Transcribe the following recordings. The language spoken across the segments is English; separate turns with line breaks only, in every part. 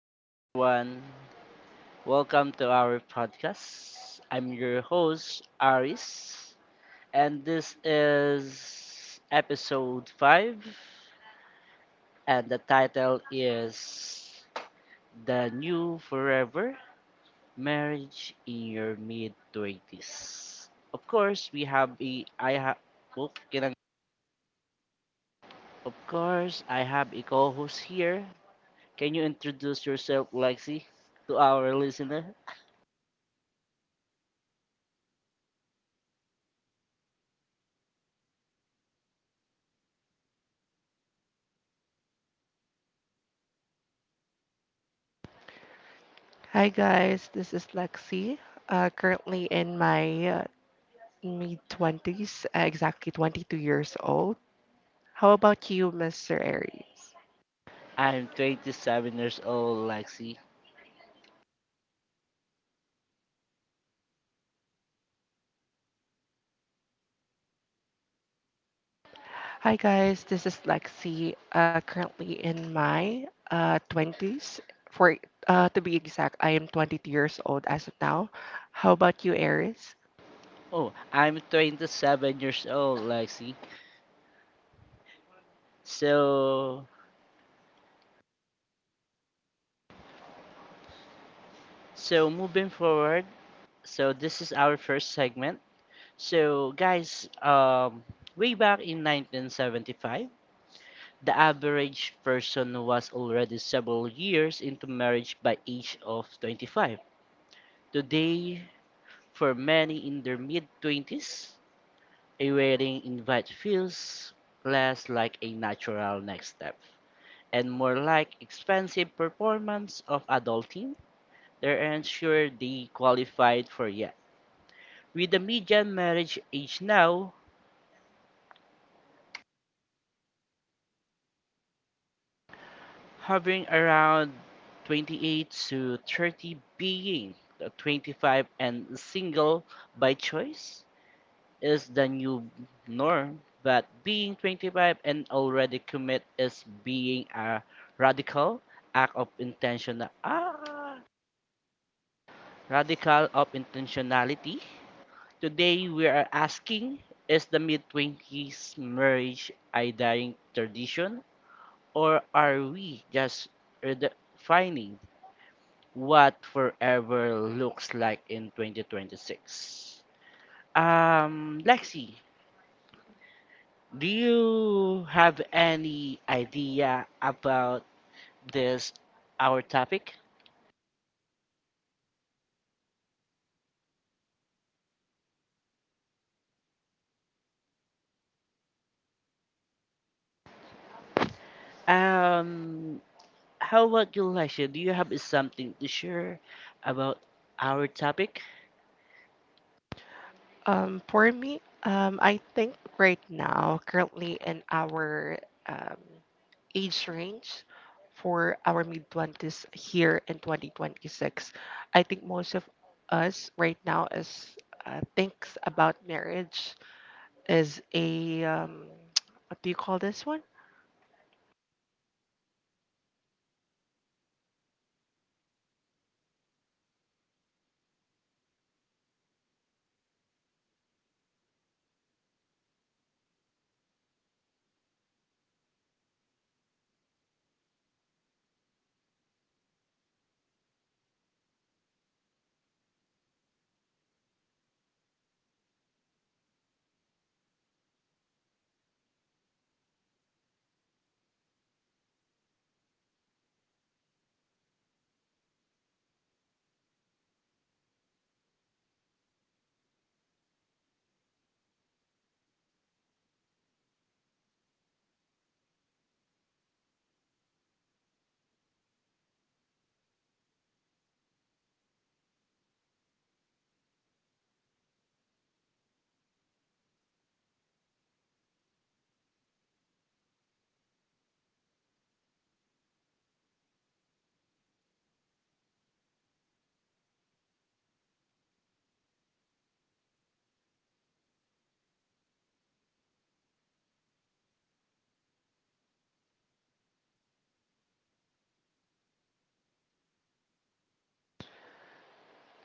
Hi, everyone. Welcome to our podcast. I'm your host, Aris, and this is episode 5, and the title is The New Forever Marriage in Your Mid 20s. Of course, we have a. I have. Oh, kinang- Of course, I have a co host here. Can you introduce yourself, Lexi, to our listener?
Hi guys, this is Lexi. Currently in my mid 20s, exactly 22 years old. How about you, Mr. Aries?
I'm 27 years old, Lexi.
Hi guys, this is Lexi. Currently in my 20s. For To be exact, I am 22 years old as of now. How about you, Aries?
Oh, I'm 27 years old, Lexi. So, so moving forward, so this is our first segment. So, guys, way back in 1975, the average person was already several years into marriage by age of 25. Today, for many in their mid-20s, a wedding invite feels less like a natural next step, and more like expensive performance of adulting, they're unsure they qualified for yet. With the median marriage age now hovering around 28 to 30, being the 25 and single by choice is the new norm, but being 25 and already commit is being a radical act of intentional ah, radical of intentionality. Today we are asking, is the mid 20s marriage a dying tradition, or are we just redefining what forever looks like in 2026? Lexi, do you have any idea about this our topic? Um how about you, Lexi? Do you have something to share about our topic?
For me, I think right now, currently in our um, age range for our mid 20s here in 2026. I think most of us right now is thinks about marriage is a what do you call this one?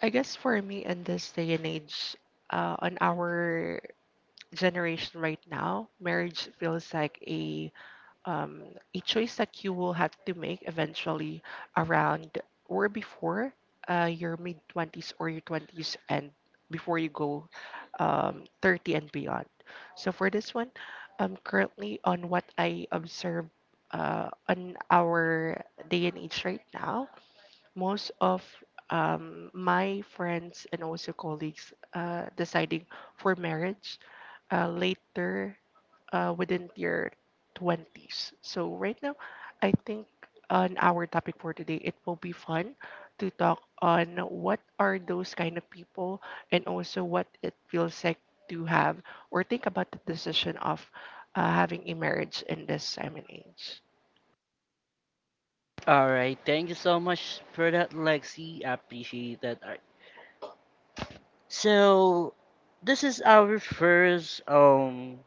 I guess for me in this day and age, on our generation right now, marriage feels like um, a choice that you will have to make eventually around or before your mid 20s or your 20s, and before you go 30 and beyond. So for this one, currently on what I observe on our day and age right now, most of my friends and also colleagues deciding for marriage later within their 20s. So, right now, I think on our topic for today, it will be fun to talk on what are those kind of people and also what it feels like to have or think about the decision of having a marriage in this time and age.
All right, thank you so much for that, Lexi. I appreciate that. All right. So, this is our first.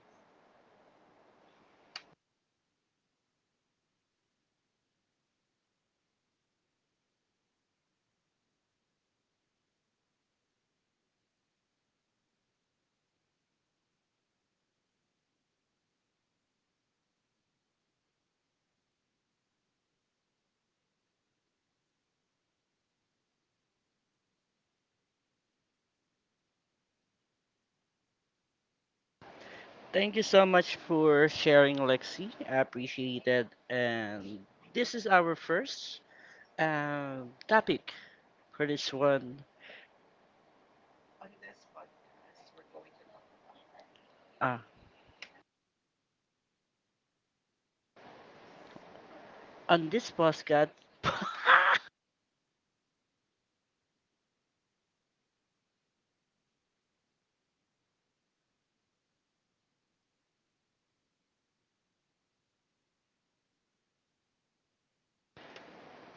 Thank you so much for sharing, Lexi. I appreciate that. And this is our first topic for this one. Uh, on this podcast.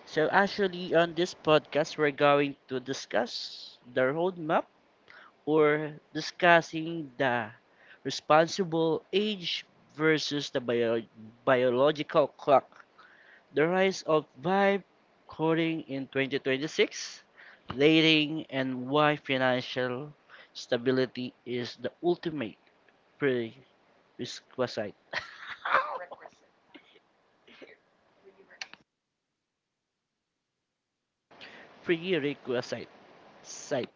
Actually, on this podcast, we're going to discuss the roadmap or discussing the responsible age versus the biological clock. The rise of vibe coding in 2026, dating, and why financial stability is the ultimate prerequisite. Prerequisite. Site.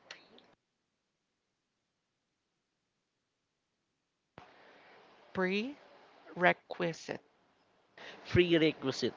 Prerequisite.
Prerequisite.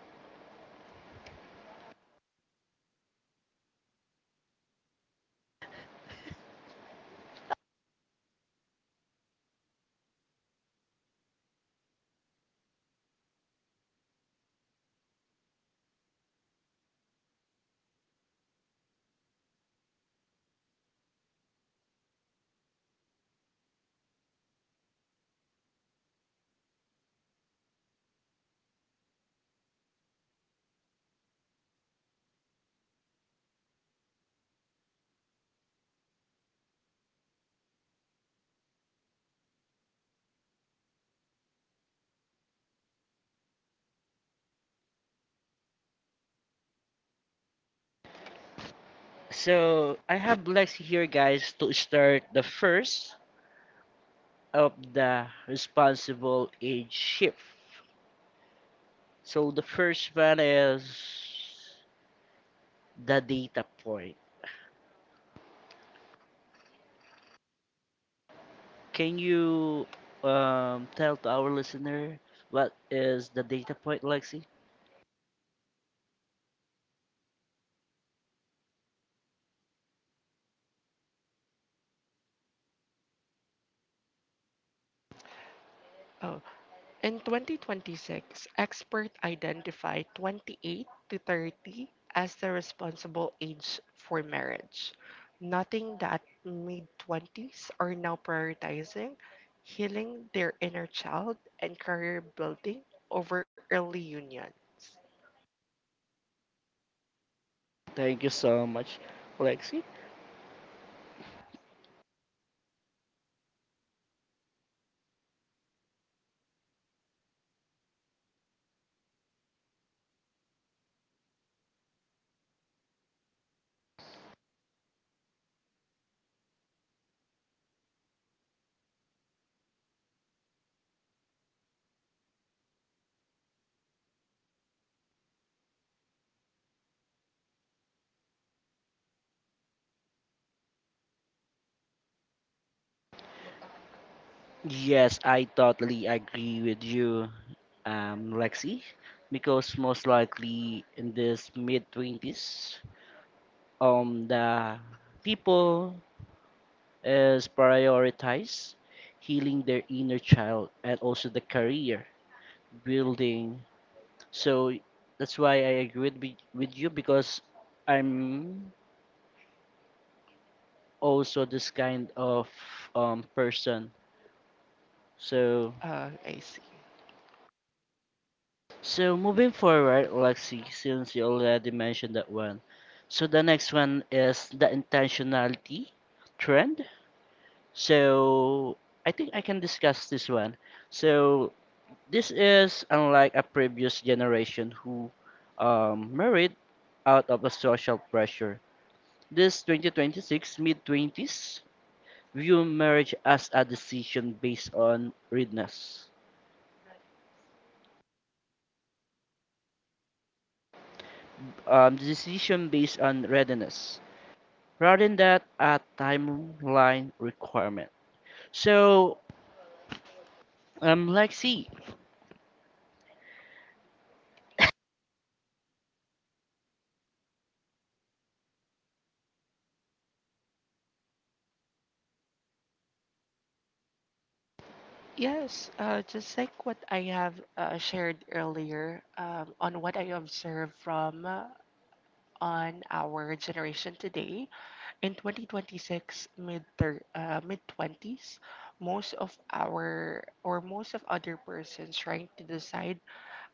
So I have Lex here, guys, to start the first of the responsible age shift. So the first one is the data point. Can you tell to our listener what is the data point, Lexi?
Oh, in 2026, experts identify 28 to 30 as the responsible age for marriage, noting that mid 20s are now prioritizing healing their inner child and career building over early unions.
Thank you so much, Lexi. Yes, I totally agree with you, Lexi, because most likely in this mid twenties, the people is prioritize healing their inner child and also the career building. So that's why I agreed with you because I'm also this kind of person. So
I see.
so moving forward, Lexi, since you already mentioned that one. So the next one is the intentionality trend. So I think I can discuss this one. So this is unlike a previous generation who married out of a social pressure. This 2026 mid 20s view marriage as a decision based on readiness. Um, decision based on readiness rather than that a timeline requirement. So, Lexi.
Yes, just like what I have shared earlier on what I observed from on our generation today. In 2026, mid 20s, most of our or most of other persons trying to decide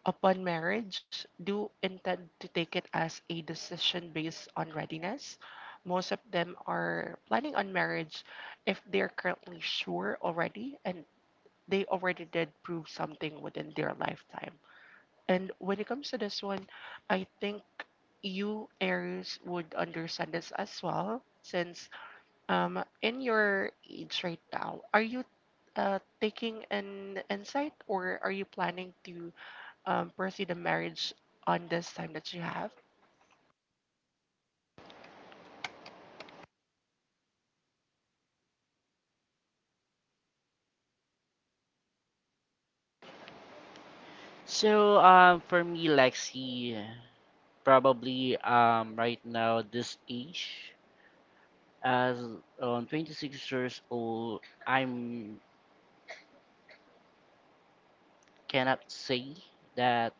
upon marriage do intend to take it as a decision based on readiness. Most of them are planning on marriage if they're currently sure already and they already did prove something within their lifetime. And when it comes to this one, I think you, Aries, would understand this as well, since in your age right now, are you taking an insight, or are you planning to pursue the marriage on this time that you have?
So, for me, Lexi, probably right now this age as 26 years old, I'm cannot say that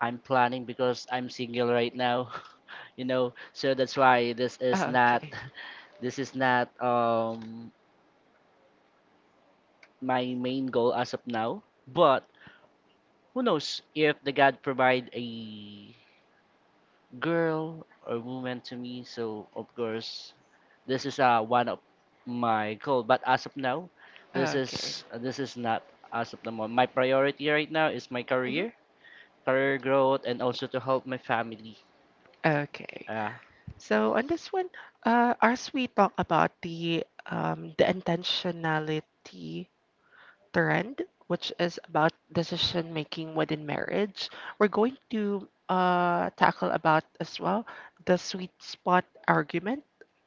I'm planning because I'm single right now, you know. So that's why this is not this is not my main goal as of now. But who knows if the God provide a girl or woman to me. So of course, this is one of my goal. But as of now, this
Okay.
is this is not as of the moment. My priority right now is my
Mhm.
career, career growth, and also to help my family.
Okay.
Uh,
So on this one, as we talk about the intentionality trend, which is about decision making within marriage. We're going to tackle about as well the sweet spot argument.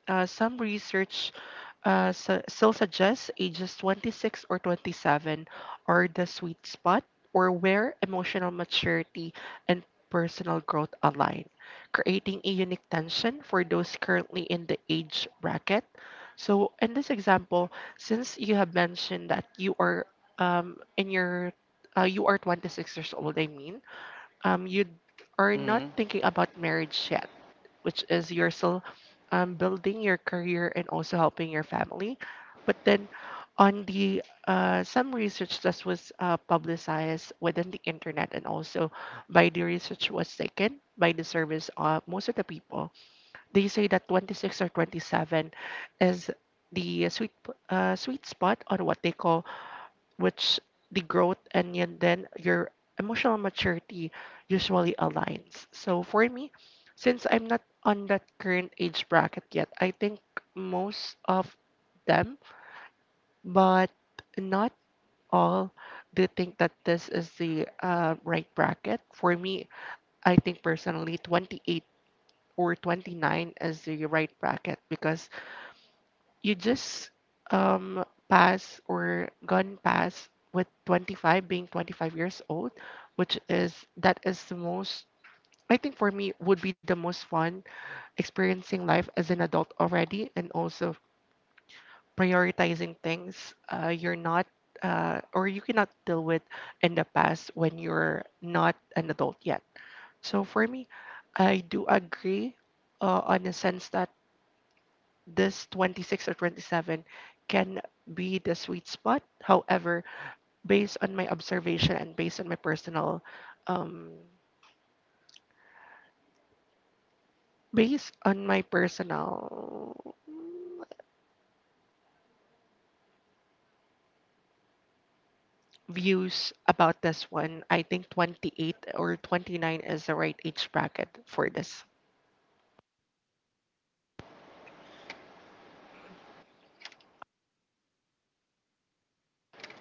Some research still suggests ages 26 or 27 are the sweet spot, or where emotional maturity and personal growth align, creating a unique tension for those currently in the age bracket. So, in this example, since you have mentioned that you are in your you are 26 years old, I mean, you are not thinking about marriage yet, which is you're still building your career and also helping your family, but then on the some research that was publicized within the internet, and also by the research was taken by the service of most of the people, they say that 26 or 27 is the sweet spot on what they call, which the growth and yet then your emotional maturity usually aligns. So for me, since I'm not on that current age bracket yet, I think most of them, but not all, do think that this is the right bracket. For me, I think personally, 28 or 29 is the right bracket because you just pass or gone past with 25, being 25 years old, which is that is the most, I think for me would be the most fun experiencing life as an adult already, and also prioritizing things you're not or you cannot deal with in the past when you're not an adult yet. So for me, I do agree on a sense that this 26 or 27 can be the sweet spot. However, based on my observation and based on my personal um based on my personal views about this one, I think 28 or 29 is the right age bracket for this.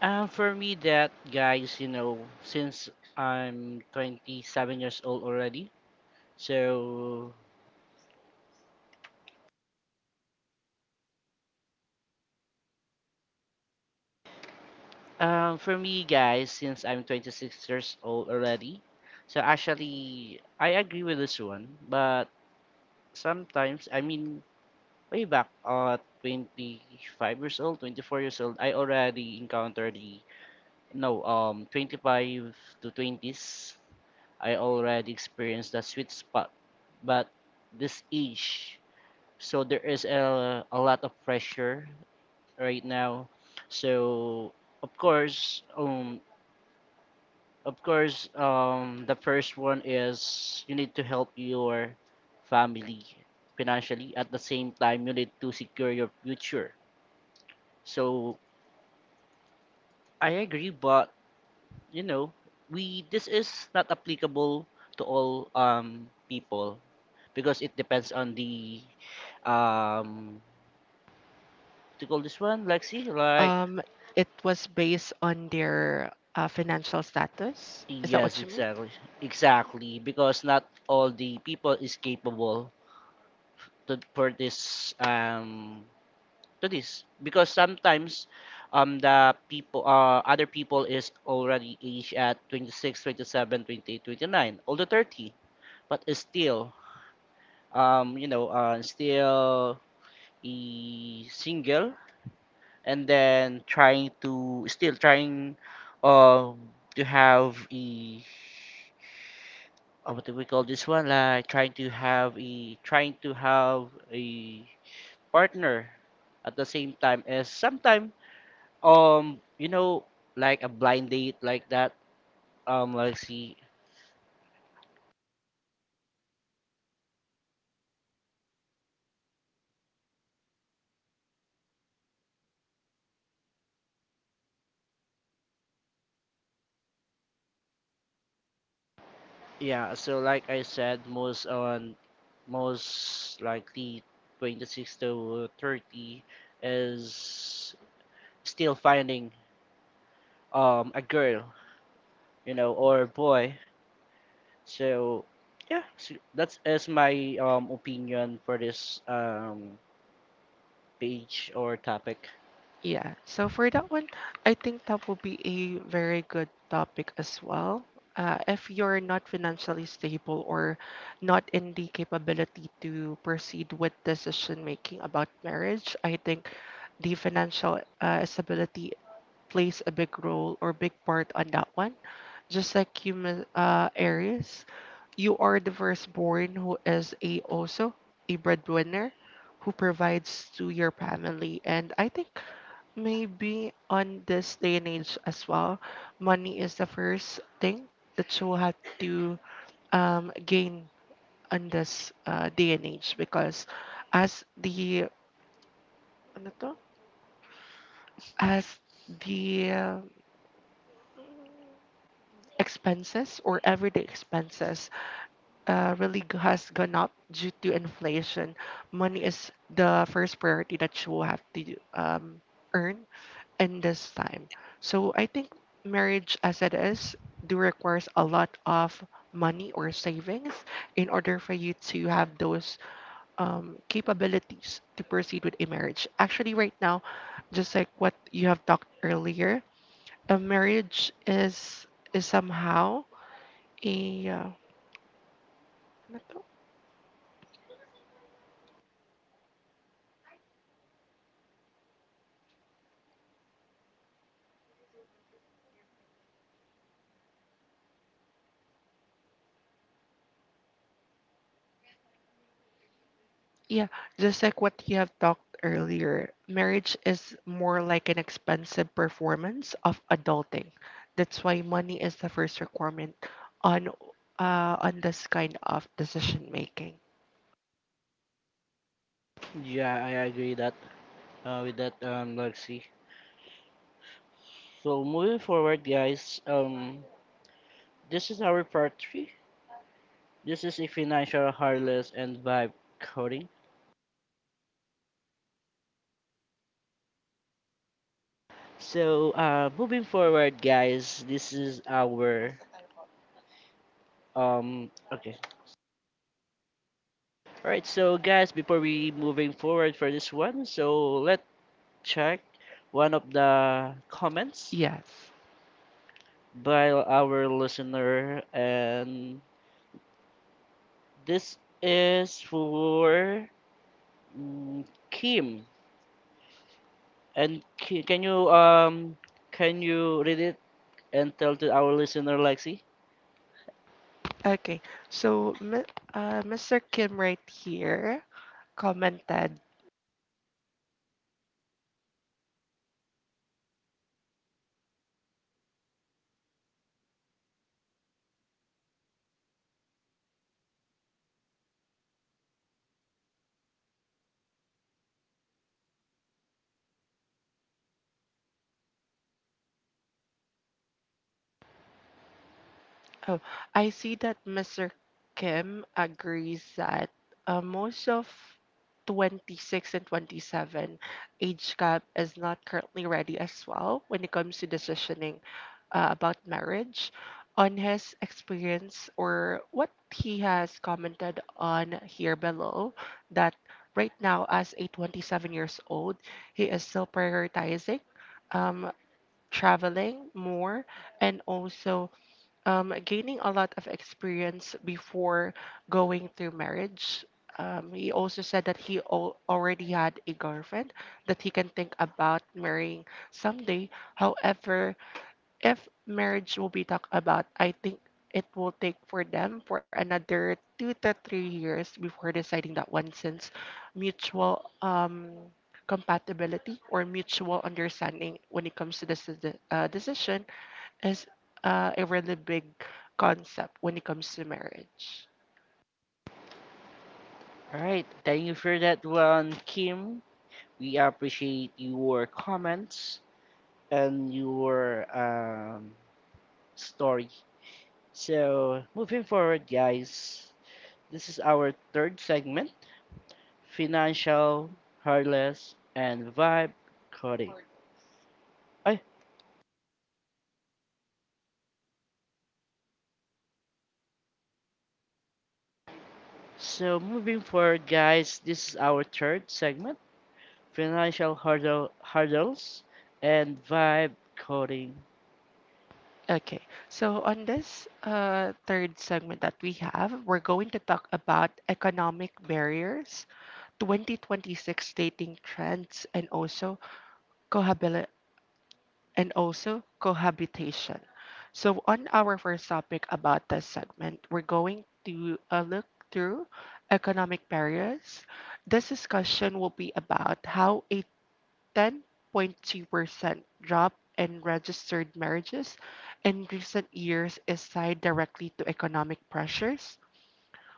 For me, that guys, you know, since I'm 27 years old already, so for me, guys, since I'm 26 years old already, so actually, I agree with this one, but sometimes, I mean, way back at 25 years old, 24 years old, I already encountered the no, 25 to 20s, I already experienced the sweet spot, but this age. So there is a lot of pressure right now. So of course, the first one is you need to help your family financially. At the same time, you need to secure your future. So I agree, but you know, we this is not applicable to all people because it depends on the um to call this one Lexi like
Um it was based on their financial status. Is that
Yes,
what you mean?
exactly. Exactly, because not all the people is capable to for this to this because sometimes the people other people is already age at 26, 27, 29 all the 30 but is still you know still a single and then trying to still trying um to have a what do we call this one like trying to have a trying to have a partner at the same time as sometime you know like a blind date like that like see yeah so like I said most likely 26 to 30 is still finding a girl, you know, or a boy. So yeah, so that is my opinion for this page or topic.
Yeah. So for that one, I think that will be a very good topic as well. If you're not financially stable or not in the capability to proceed with decision making about marriage, I think the financial stability plays a big role or big part on that one. Just like you, Aries, you are the firstborn who is a also a breadwinner who provides to your family. And I think maybe on this day and age as well, money is the first thing that you have to gain on this day and age because as the ano to? As the expenses or everyday expenses has gone up due to inflation, money is the first priority that you will have to earn in this time. So I think marriage as it is do requires a lot of money or savings in order for you to have those capabilities to proceed with a marriage. Actually, right now, just like what you have talked earlier, a marriage is somehow yeah, ano to? Yeah, just like what you have talked earlier, marriage is more like an expensive performance of adulting. That's why money is the first requirement on on this kind of decision making.
Yeah, I agree that with that Lexi. So moving forward, guys, this is our part three. This is a financial harless and vibe coding. So moving forward, guys, this is our okay. All right, so guys, before we moving forward for this one, so let check one of the comments
Yes.
by our listener, and this is for mm, Kim. And can you read it and tell to our listener, Lexi?
Okay. So, Mr. Kim right here commented. Oh, I see that Mr. Kim agrees that most of 26 and 27 age gap is not currently ready as well when it comes to decisioning about marriage. On his experience or what he has commented on here below, that right now, as a 27 years old, he is still prioritizing um, traveling more and also gaining a lot of experience before going through marriage. He also said that he already had a girlfriend that he can think about marrying someday. However, if marriage will be talked about, I think it will take for them for another 2 to 3 years before deciding that one, since mutual compatibility or mutual understanding when it comes to this decision is a really big concept when it comes to marriage.
All right, thank you for that one, Kim. We appreciate your comments and your story. So, moving forward, guys, this is our third segment Financial, Heartless, and Vibe Coding. Ay, so moving forward, guys, this is our third segment, Hurdles and Vibe Coding.
Okay, so on this third segment that we have, we're going to talk about economic barriers, 2026 dating trends, and also cohabil and also cohabitation. So on our first topic about this segment, we're going to look through economic barriers. This discussion will be about how a 10.2% drop in registered marriages in recent years is tied directly to economic pressures.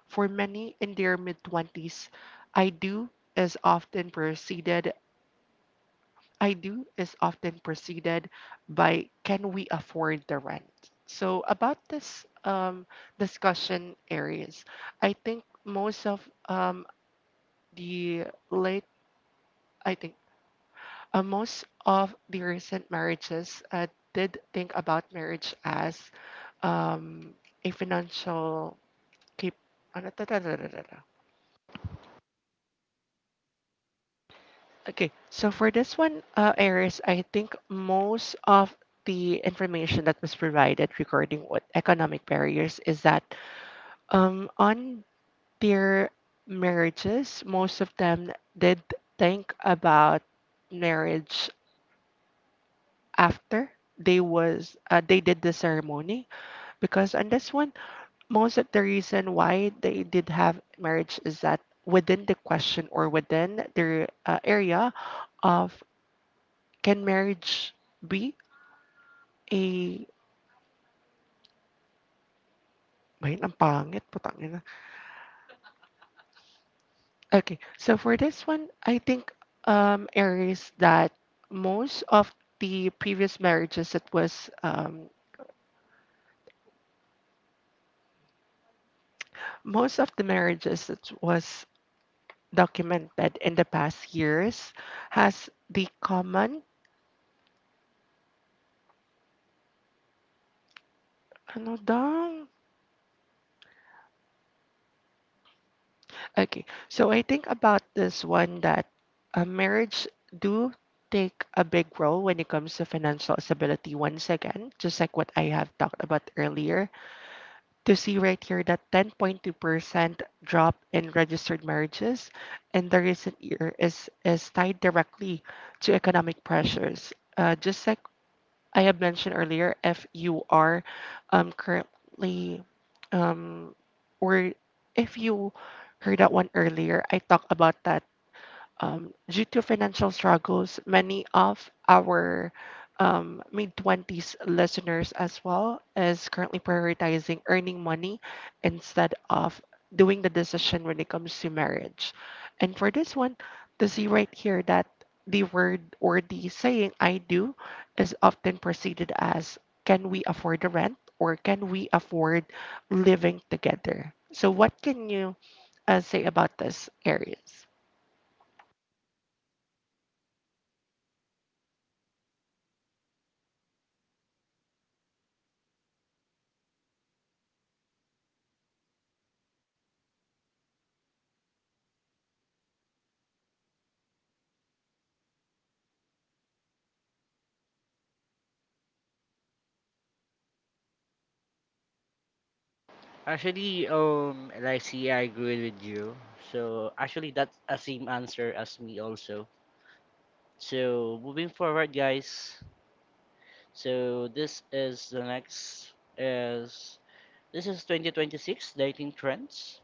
For many in their mid-20s, I do is often preceded I do is often preceded by can we afford the rent? So about this discussion areas, I think most of um, the late, I think most of the recent marriages did think about marriage as um, a financial keep. Ano to, to. Okay, so for this one, Iris, I think most of the information that was provided regarding what economic barriers is that on their marriages, most of them did think about marriage after they was they did the ceremony because on this one, most of the reason why they did have marriage is that within the question or within their area of can marriage be a Bayan, ang pangit, putang ina. Okay, so for this one, I think Aries, that most of the previous marriages that was um, most of the marriages that was documented in the past years has the common ano daw? Okay, so I think about this one that marriage do take a big role when it comes to financial stability once again, just like what I have talked about earlier. To see right here that 10.2% drop in registered marriages in the recent year is tied directly to economic pressures. Just like I have mentioned earlier, if you are currently, um, or if you heard that one earlier, I talked about that due to financial struggles, many of our mid 20s listeners as well is currently prioritizing earning money instead of doing the decision when it comes to marriage. And for this one, to see right here that the word or the saying I do is often preceded as can we afford the rent or can we afford living together? So, what can you say about this, Aries?
Actually, Lexi, I agree with you. So actually, that's a same answer as me also. So moving forward, guys. So this is the next is This is 2026 dating trends.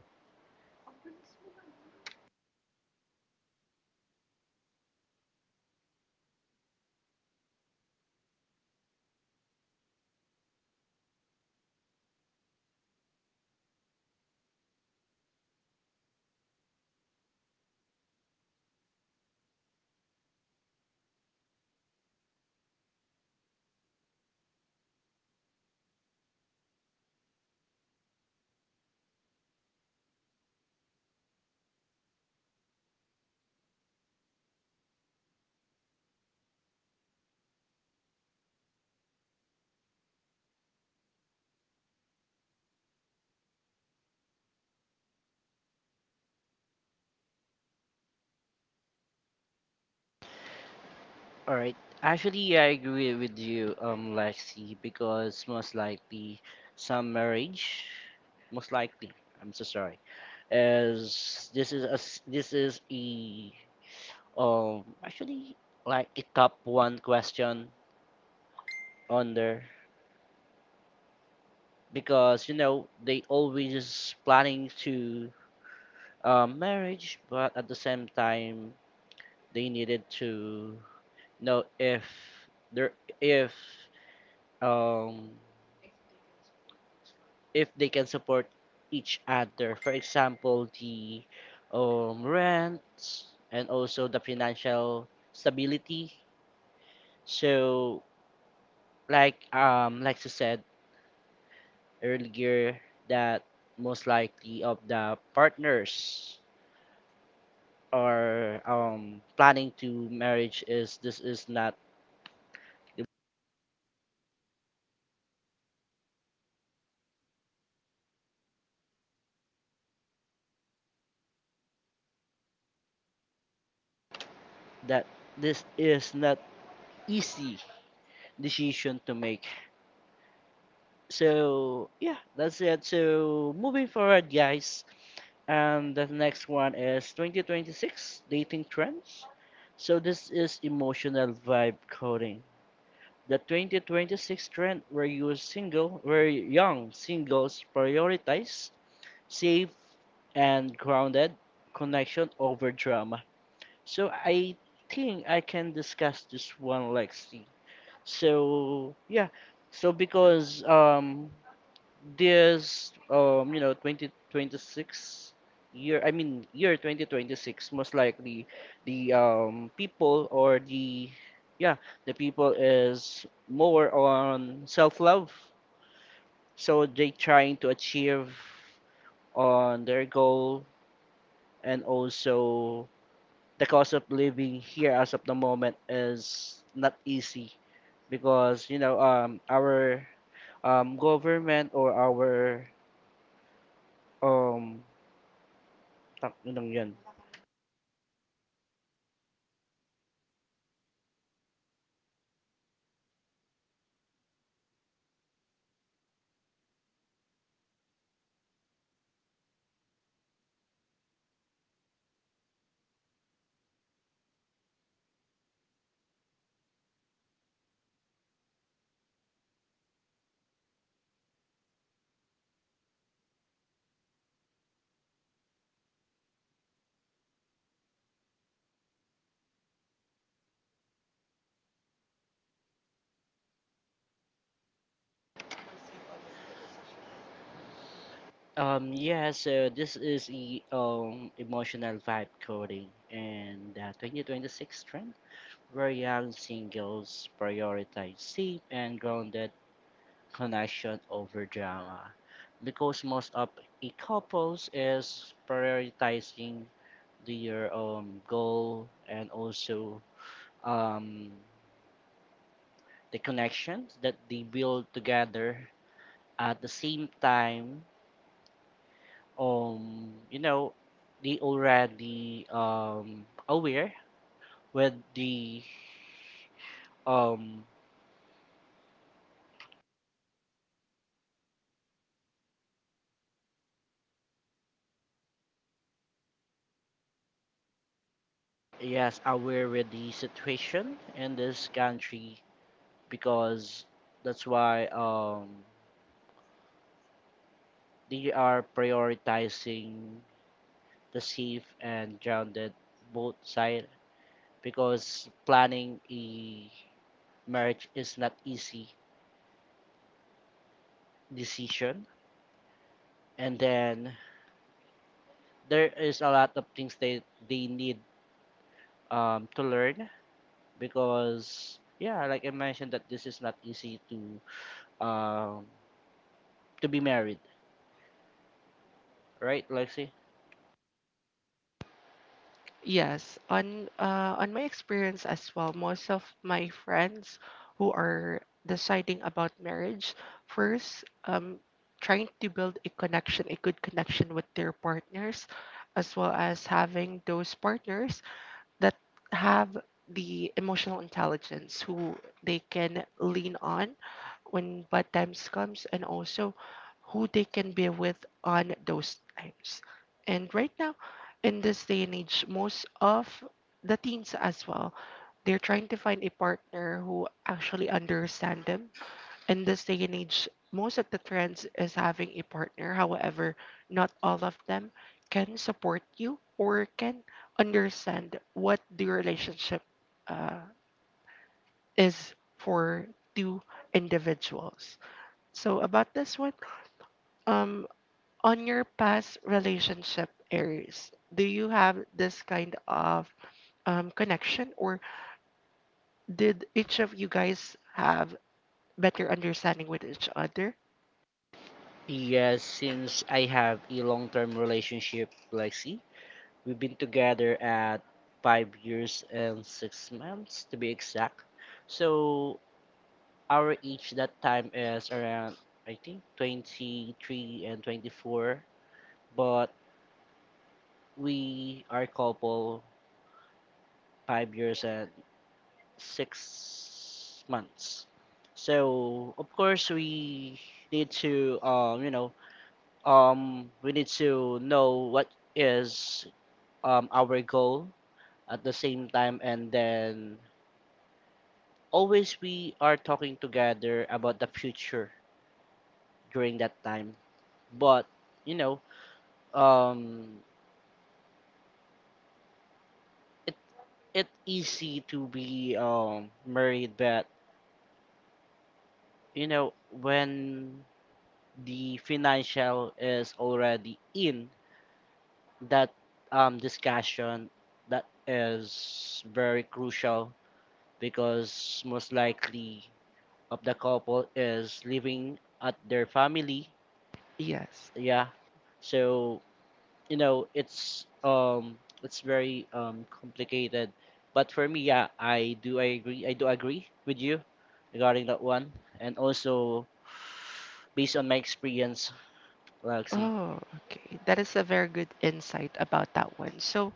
All right. Actually, yeah, I agree with you, Lexi, because most likely some marriage, most likely, I'm so sorry, as this is this is a actually like a top one question on there because you know they always planning to marriage, but at the same time they needed to know if there um if they can support each other. For example, the rents and also the financial stability. So, like you said earlier, that most likely of the partners are planning to marriage is that this is not easy decision to make. So yeah, that's it. So moving forward, guys. And the next one is 2026 dating trends. So this is emotional vibe coding. The 2026 trend where where young singles prioritize safe and grounded connection over drama. So I think I can discuss this one, Lexi. So yeah, so because this you know 2026 year i mean year 2026 most likely the people or the yeah the people is more on self-love, so they trying to achieve on their goal, and also the cost of living here as of the moment is not easy because you know our government or our um Tatlong yun. Yeah, so this is e emotional vibe coding, and the 2026 trend where young singles prioritize safe and grounded connection over drama because most of e couples is prioritizing their goal and also um, the connections that they build together. At the same time you know they already with the um yes aware with the situation in this country, because that's why they are prioritizing the safe and grounded both side, because planning a marriage is not easy decision, and then there is a lot of things that they need to learn, because yeah, like I mentioned that this is not easy um, to be married, right, Lexi?
Yes, on my experience as well, most of my friends who are deciding about marriage first, trying to build a connection, a good connection with their partners, as well as having those partners that have the emotional intelligence who they can lean on when bad times comes, and also who they can be with on those times. And right now, in this day and age, most of the teens as well, they're trying to find a partner who actually understand them. In this day and age, most of the trends is having a partner. However, not all of them can support you or can understand what the relationship uh, is for two individuals. So about this one, um, on your past relationship, Aries, do you have this kind of connection, or did each of you guys have better understanding with each other?
Yes, since I have a long-term relationship, Lexi, we've been together at 5 years and 6 months to be exact. So our age that time is around I think 23 and 24, but we are couple 5 years and 6 months. So of course we need to we need to know what is our goal at the same time, and then always we are talking together about the future during that time. But you know um it it easy to be married, but you know when the financial is already in that discussion, that is very crucial because most likely of the couple is living at their family,
Yes.
yeah. So you know it's very complicated, but for me, yeah, I agree, I do agree with you regarding that one, and also based on my experience, Lexi.
Oh, okay. That is a very good insight about that one. So,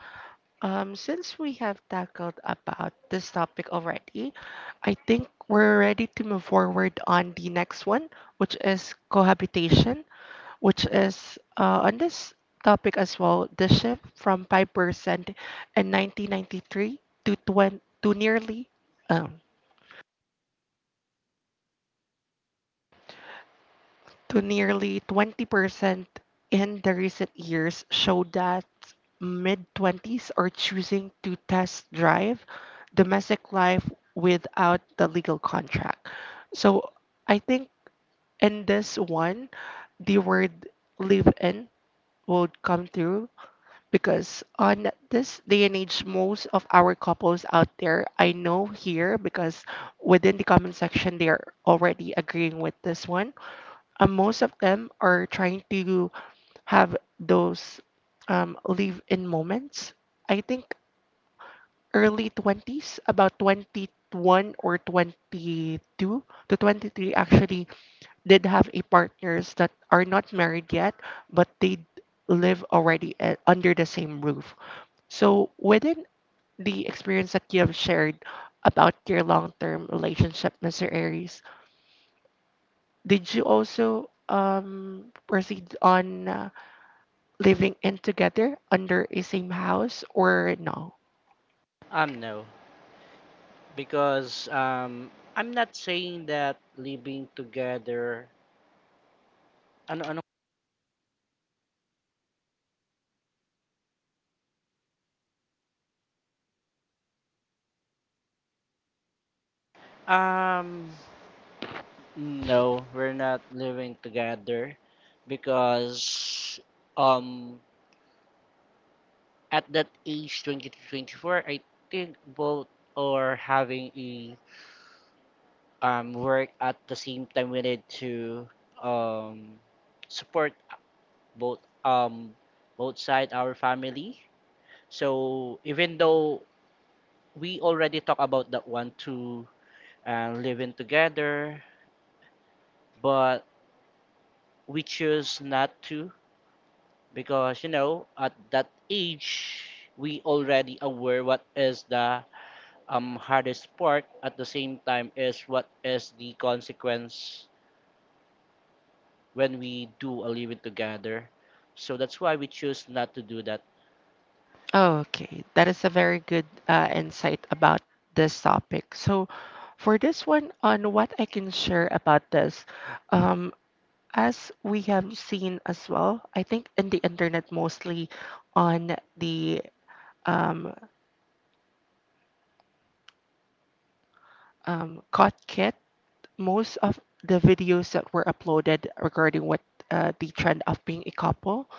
since we have tackled about this topic already, I think we're ready to move forward on the next one, which is cohabitation, which is on this topic as well, the shift from 5% in 1993 to, 20, to nearly um, to nearly 20% in the recent years show that mid 20s are choosing to test drive domestic life without the legal contract. So I think in this one, the word live in would come through because on this day and age, most of our couples out there, I know here because within the comment section, they are already agreeing with this one. Most of them are trying to have those live in moments. I think early 20s, about 21 or 22 to 23, actually did have a partners that are not married yet, but live already under the same roof. So within the experience that you have shared about your long-term relationship, Mr. Aries, did you also proceed on living in together under a same house or no?
No, because I'm not saying that living together ano ano um no, we're not living together because um at that age 20 to 24, I think both are having a work. At the same time, we need to um support both um both side our family. So even though we already talk about that one to and living together, but we choose not to because you know at that age we already aware what is the hardest part, at the same time is what is the consequence when we do a living together. So that's why we choose not to do that.
Okay, that is a very good insight about this topic. So, for this one, on what I can share about this, um, as we have seen as well, I think in the internet mostly on the um, COD kit, most of the videos that were uploaded regarding what the trend of being a couple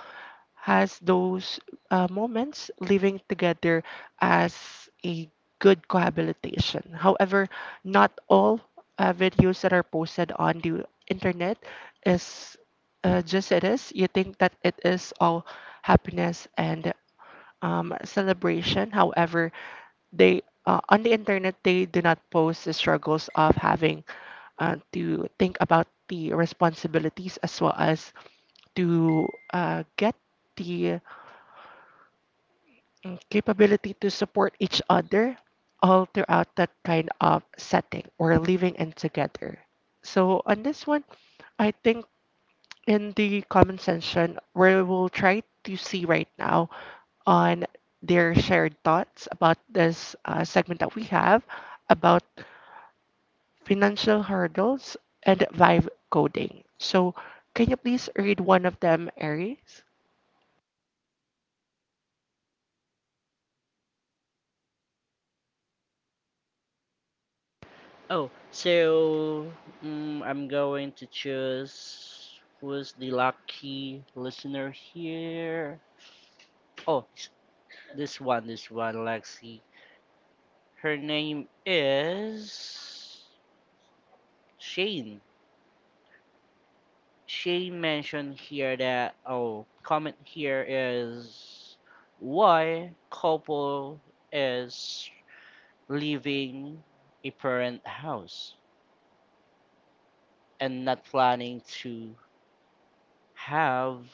has those moments living together as a good cohabitation. However, not all videos that are posted on the internet is just it is. You think that it is all happiness and celebration. However, they on the internet, they do not post the struggles of having to think about the responsibilities, as well as to get the capability to support each other all throughout that kind of setting or living in together. So on this one, I think in the comment section, we'll try to see right now on their shared thoughts about this segment that we have about financial hurdles and vibe coding. So, can you please read one of them, Aries?
Oh, so I'm going to choose who's the lucky listener here. Oh, s- this one, this one, Lexi. Her name is Shane. Shane mentioned here that oh comment here is why couple is leaving a parent house and not planning to have,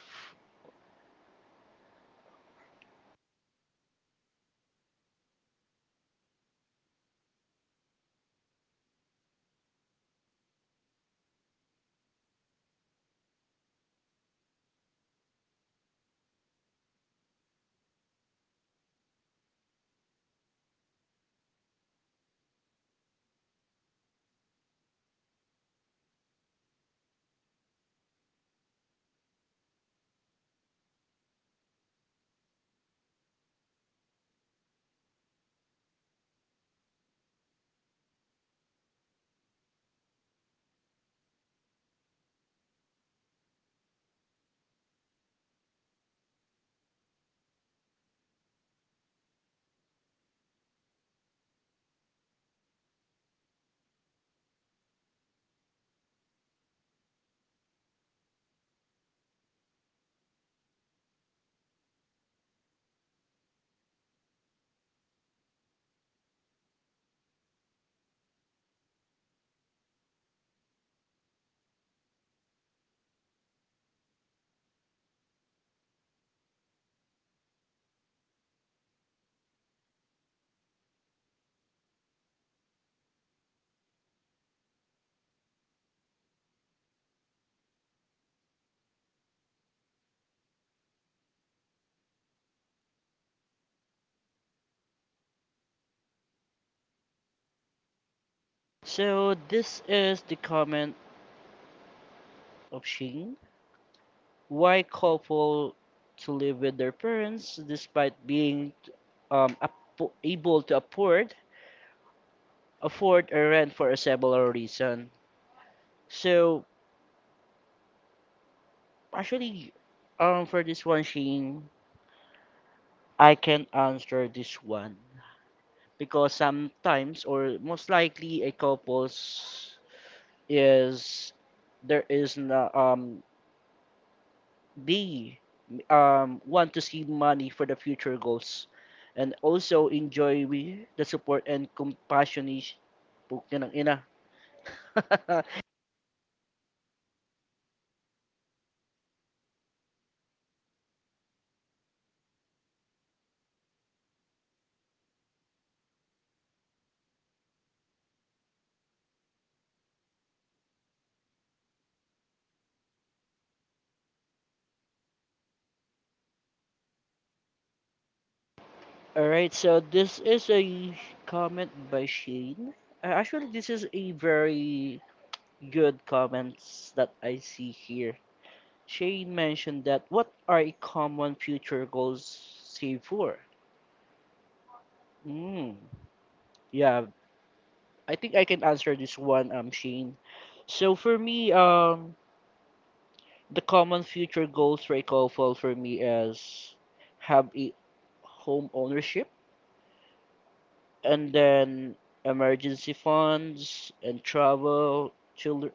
so this is the comment of Shane. Why couple to live with their parents despite being um, able to afford a rent for a several reason. So actually, for this one, Shane, I can answer this one because sometimes or most likely a couples is there is na, they want to see money for the future goals, and also enjoy we the support and compassion is putya ng ina. All right, so this is a comment by Shane. Actually, this is a very good comments that I see here. Shane mentioned that what are common future goals save for? Mm, yeah, I think I can answer this one, Shane. So for me, the common future goals for a couple for me is have a home ownership, and then emergency funds and travel, children.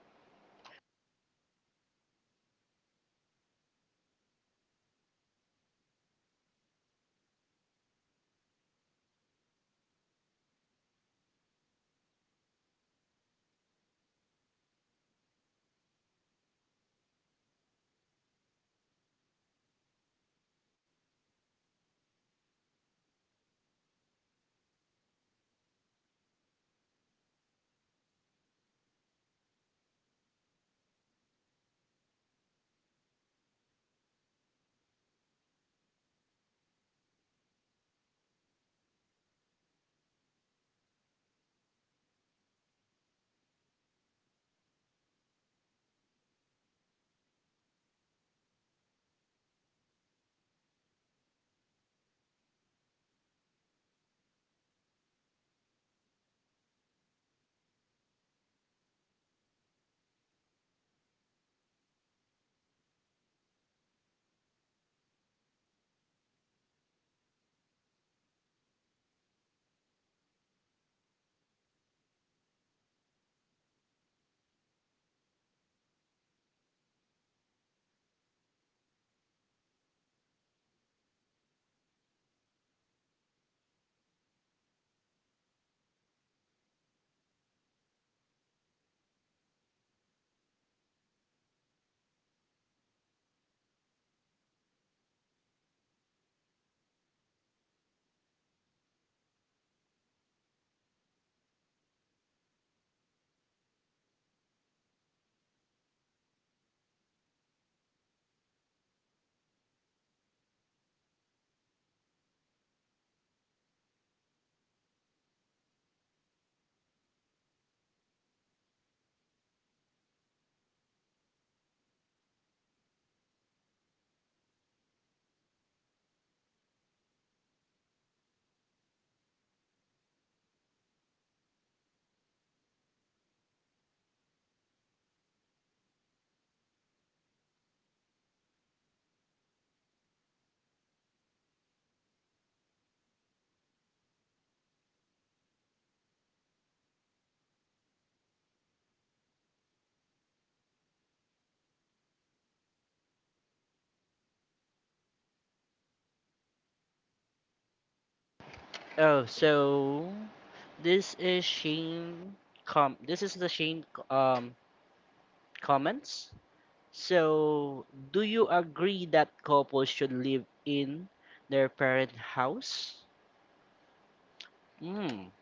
Oh, so this is Shane. Com. This is the Shane. Um, comments. So, do you agree that couples should live in their parent house? Hmm.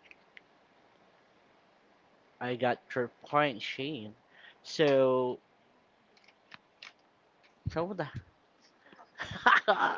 I got your point, Shane. So, so the. I,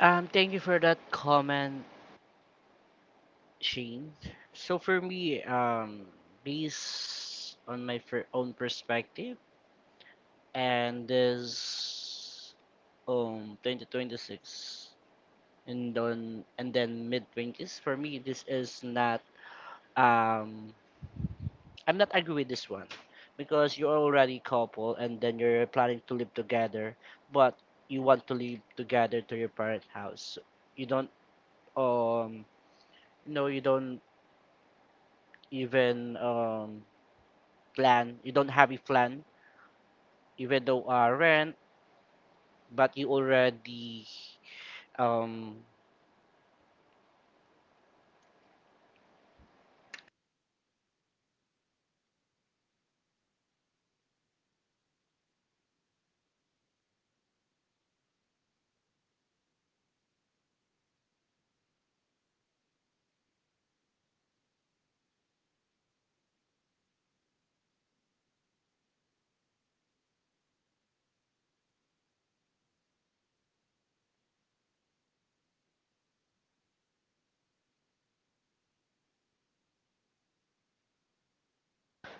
thank you for that comment, Shane. So for me, based on my own perspective, and this 2026, and then mid 20s. For me, this is not um I'm not agree with this one because you're already couple and then you're planning to live together, but you want to live together to your parent house. You don't um no you don't even plan. You don't have a plan, even though rent, but you already um.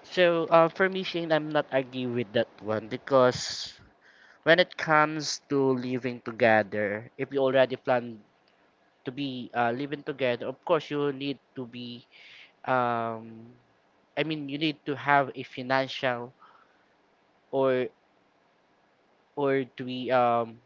So for me, Shane, I'm not agree with that one because when it comes to living together, if you already plan to be living together, of course you need to be um. I mean, you need to have a financial or or to be um.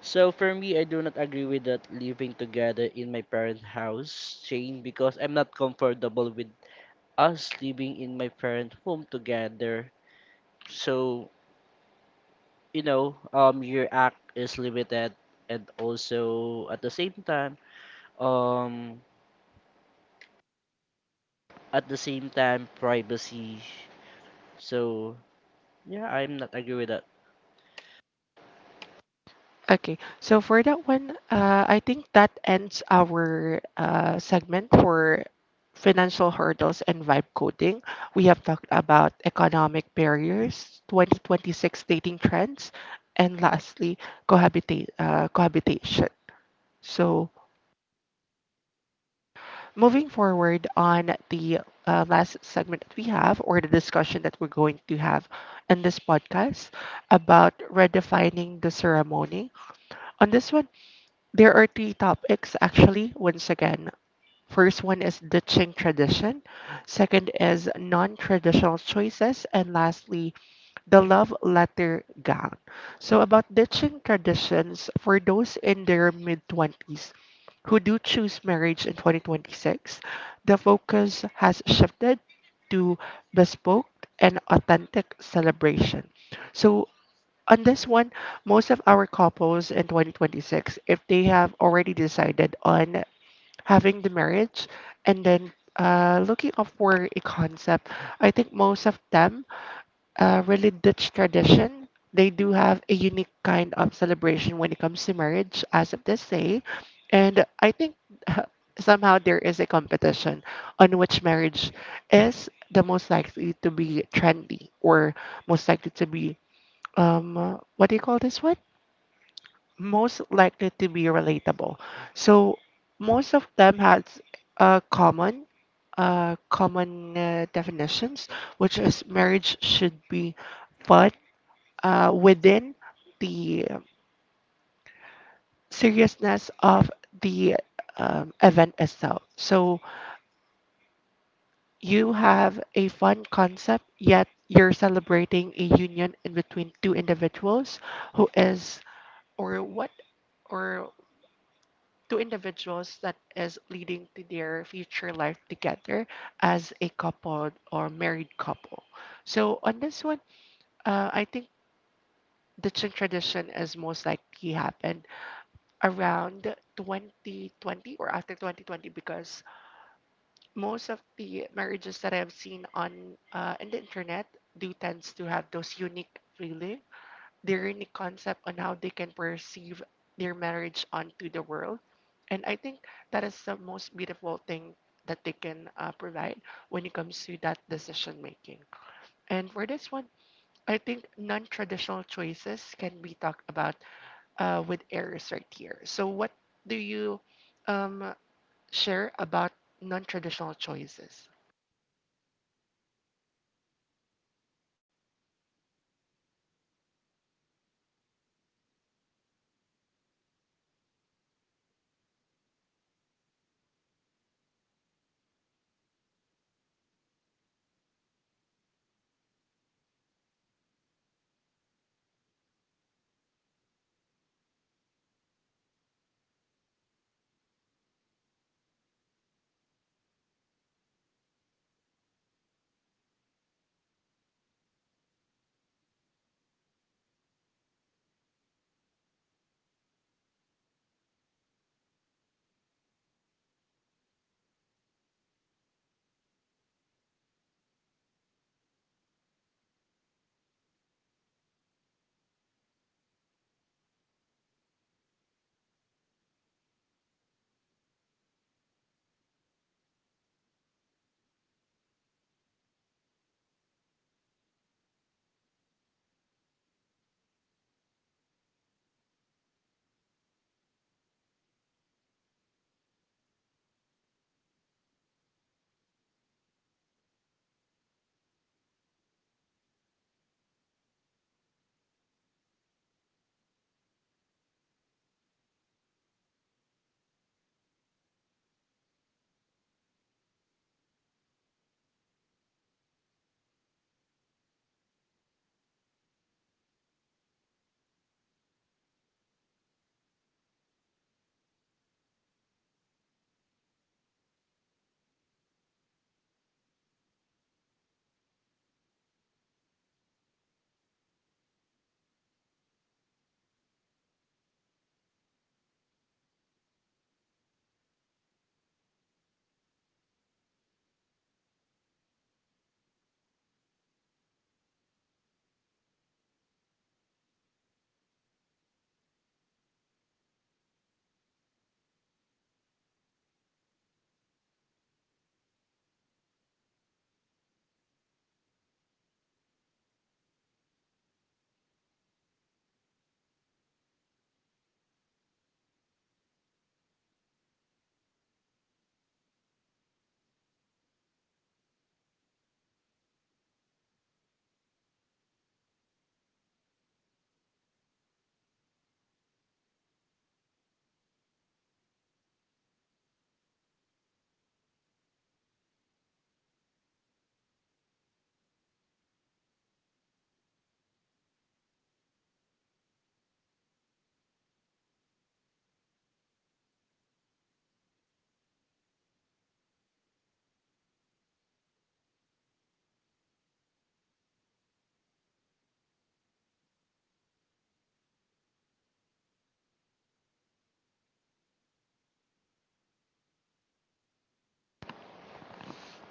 So for me, I do not agree with that living together in my parent house, Shane, because I'm not comfortable with us living in my parent home together. So, you know, your act is limited, and also at the same time, um at the same time privacy. So yeah, I'm not agree with that.
Okay, so for that one, I think that ends our segment for financial hurdles and vibe coding. We have talked about economic barriers, 2026 dating trends, and lastly, cohabitation. So, moving forward on the last segment that we have, or the discussion that we're going to have in this podcast about redefining the ceremony. On this one, there are three topics actually, once again. First one is ditching tradition, second is non traditional choices, and lastly, the love letter gown. So, about ditching traditions for those in their mid 20s who do choose marriage in 2026, the focus has shifted to bespoke and authentic celebration. So, on this one, most of our couples in 2026, if they have already decided on having the marriage and then looking up for a concept, I think most of them really Dutch tradition. They do have a unique kind of celebration when it comes to marriage, as of this day. And I think somehow there is a competition on which marriage is the most likely to be trendy or most likely to be, what do you call this one? Most likely to be relatable. So most of them has a common definitions, which is marriage should be fun, within the seriousness of the event itself. So you have a fun concept, yet you're celebrating a union in between two individuals who is, or what, or two individuals that is leading to their future life together as a couple or married couple. So on this one, I think the Qing tradition is most likely happened around 2020 or after 2020 because most of the marriages that I've seen on in the internet do tends to have those unique feeling, their unique concept on how they can perceive their marriage onto the world. And I think that is the most beautiful thing that they can provide when it comes to that decision making. And for this one, I think non-traditional choices can be talked about with errors right here. So, what do you um, share about non traditional choices?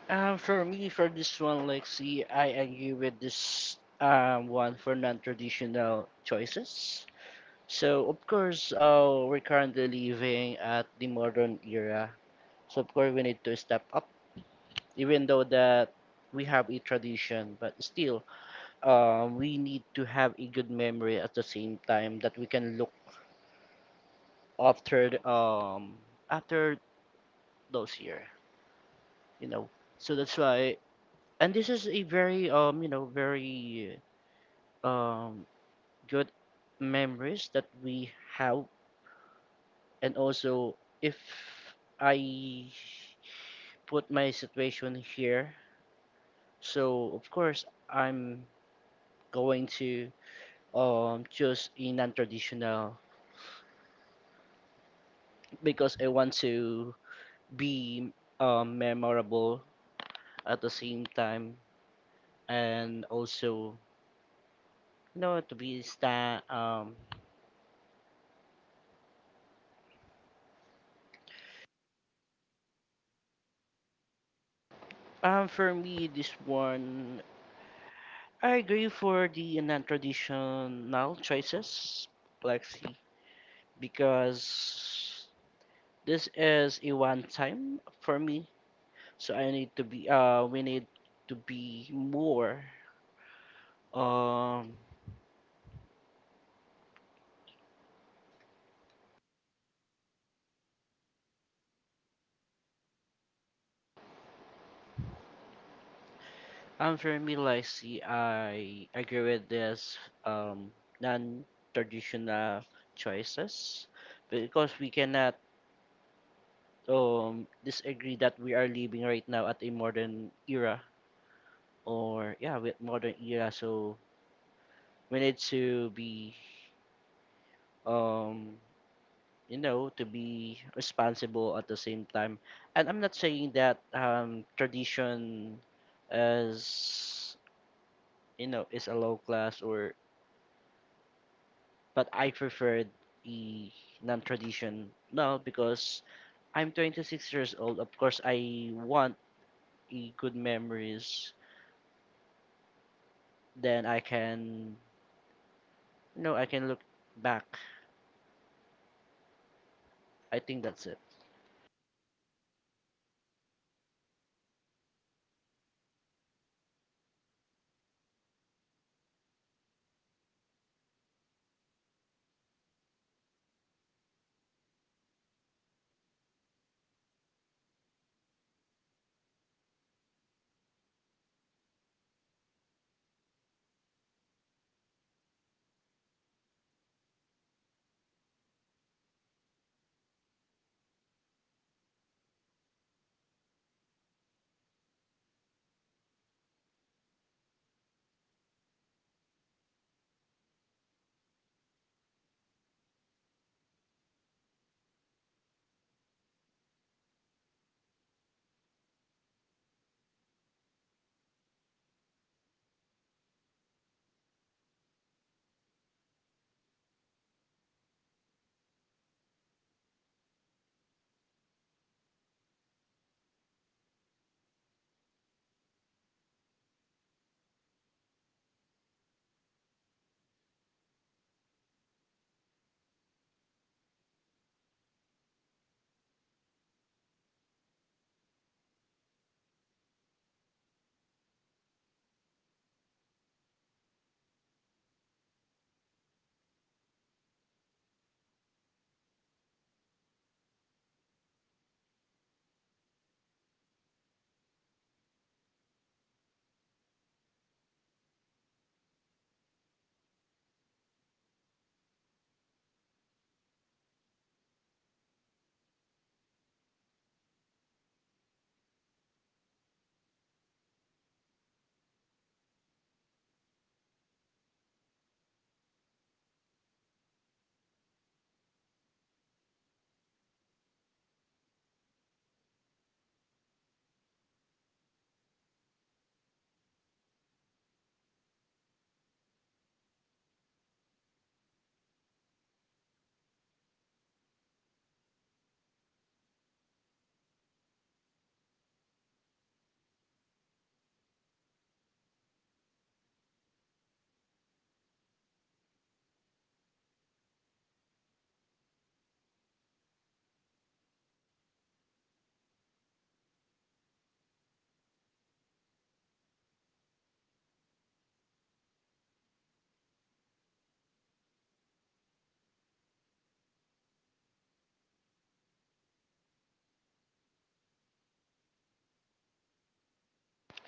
For me for this one, like see I agree with this one for non traditional choices. So of course, we're currently living at the modern era. So of course, we need to step up, even though that we have a tradition, but still, we need to have a good memory at the same time that we can look after after those year, you know. So that's why, and this is a very you know very um good memories that we have. And also if I put my situation here, so of course I'm going to choose a non-traditional because I want to be memorable at the same time, and also you know to be sta for me this one I agree for the non-traditional choices, Lexi, because this is a one time for me, so I need to be we need to be more um. And for me, like see I agree with this um non-traditional choices because we cannot disagree that we are living right now at a modern era, or yeah with modern era. So we need to be um you know to be responsible at the same time. And I'm not saying that tradition is you know is a low class or, but I preferred a non-tradition now because I'm 26 years old. Of course I want a good memories, then I can you know I can look back. I think that's it.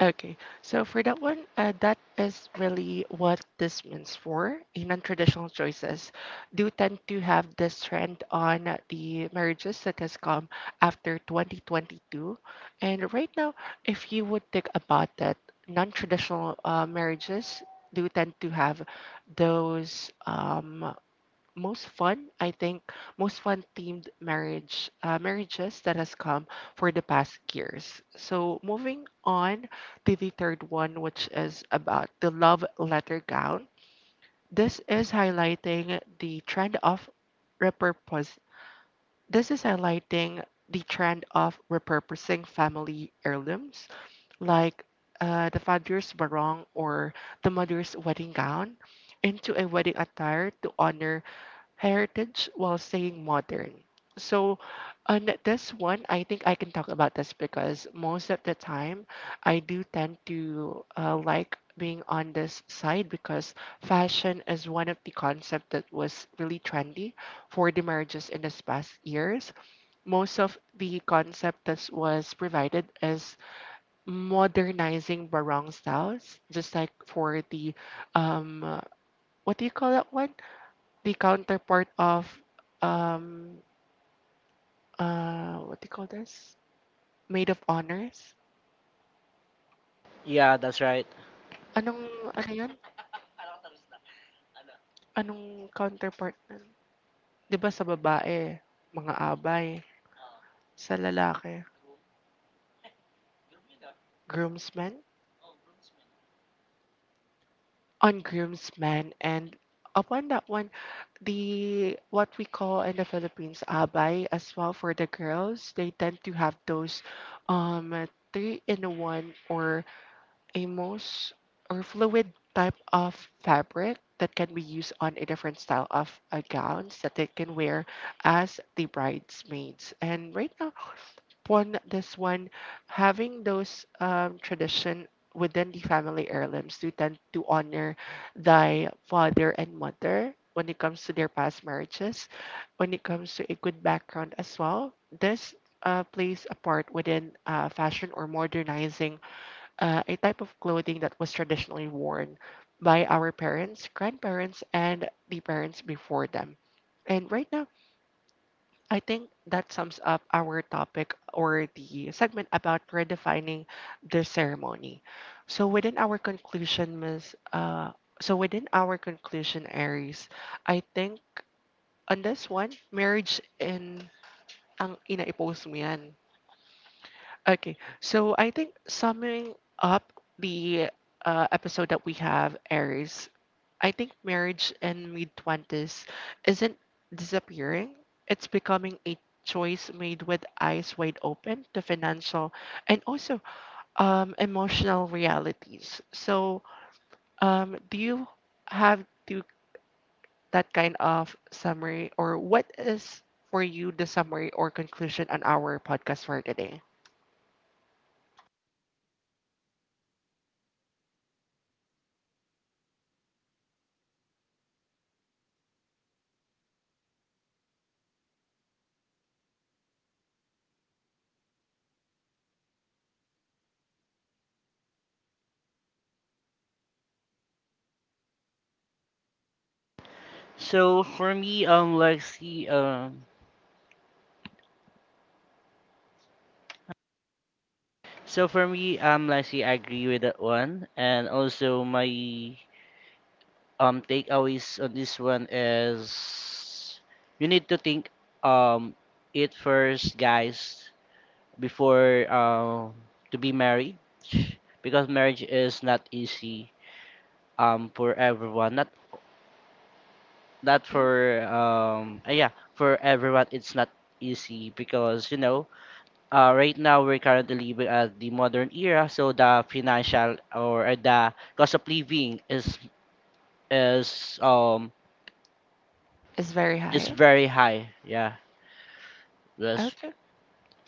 Okay, so for that one, that is really what this means for in non-traditional choices. Do tend to have this trend on the marriages that has come after 2022, and right now, if you would think about that, non-traditional marriages do tend to have those. Most fun I think most fun themed marriages that has come for the past years. So moving on to the third one, which is about the love letter gown, this is highlighting the trend of repurpose this is highlighting the trend of repurposing family heirlooms, like the father's barong or the mother's wedding gown, into a wedding attire to honor heritage while staying modern. So, on this one, I think I can talk about this because most of the time I do tend to like being on this side because fashion is one of the concept that was really trendy for the marriages in this past years. Most of the concept that was provided is modernizing barong styles, just like for the um, uh, what do you call that one? The counterpart of um what do you call this? Maid of honors?
Yeah, that's right.
Anong ano 'yan? Anong counterpart nun? 'Di ba sa babae, mga abay, sa lalaki, groomsmen? On groomsmen, and upon that one, the what we call in the Philippines abay as well for the girls, they tend to have those um three in one or a most or fluid type of fabric that can be used on a different style of gowns that they can wear as the bridesmaids. And right now, upon this one, having those tradition within the family heirlooms to tend to honor thy father and mother when it comes to their past marriages, when it comes to a good background as well. This plays a part within fashion or modernizing a type of clothing that was traditionally worn by our parents, grandparents, and the parents before them. And right now, I think that sums up our topic or the segment about redefining the ceremony. So within our conclusion, Miss, uh, so within our conclusion, Aries, I think on this one, marriage in ang ina-post mo yan. Okay, so I think summing up the episode that we have, Aries, I think marriage in mid 20s isn't disappearing. It's becoming a choice made with eyes wide open to financial and also emotional realities. So, do you have to that kind of summary, or what is for you the summary or conclusion on our podcast for today?
So for me, Lexi, um so for me, Lassie, I agree with that one. And also my takeaways on this one is you need to think um it first, guys, before to be married, because marriage is not easy for everyone. Not
Mm.
for yeah for everyone. It's not easy because you know right now we're currently living at the modern era, so the financial or the cost of living is is um
It's very
is
high.
very high. Yeah, yes.
Okay.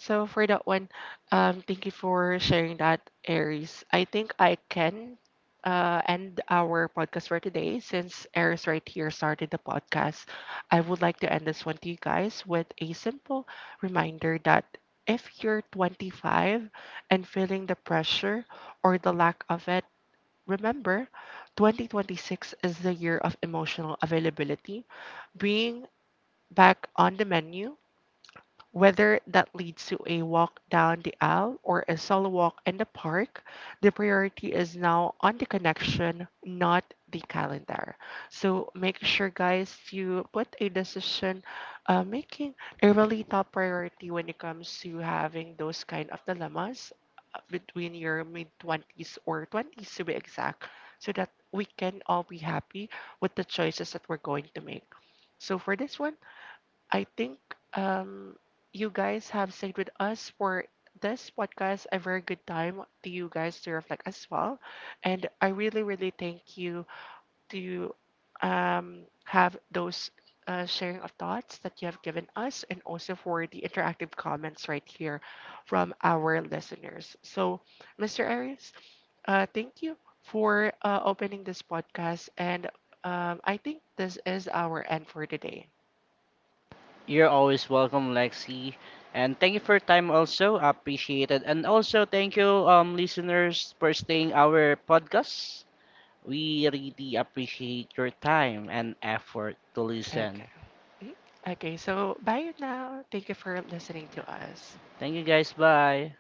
So for that one, thank you for sharing that, Aries. I think I can end our podcast for today since Aries right here started the podcast. I would like to end this one to you guys with a simple reminder that if you're 25 and feeling the pressure or the lack of it. Remember, 2026 is the year of emotional availability. Bring back on the menu whether that leads to a walk down the aisle or a solo walk in the park, the priority is now on the connection, not the calendar. So make sure, guys, you put a decision making a really top priority when it comes to having those kind of dilemmas between your mid 20s or 20s to be exact, so that we can all be happy with the choices that we're going to make. So for this one, I think um, you guys have stayed with us for this podcast. A very good time to you guys to reflect as well. And I really, really thank you to have those sharing of thoughts that you have given us, and also for the interactive comments right here from our listeners. So, Mr. Arias, thank you for opening this podcast. And I think this is our end for today.
You're always welcome, Lexi, and thank you for your time. Also appreciate it, and also thank you, listeners, for staying our podcast. We really appreciate your time and effort to listen.
Okay. Mhm. Okay, so bye now. Thank you for listening to us.
Thank you, guys. Bye.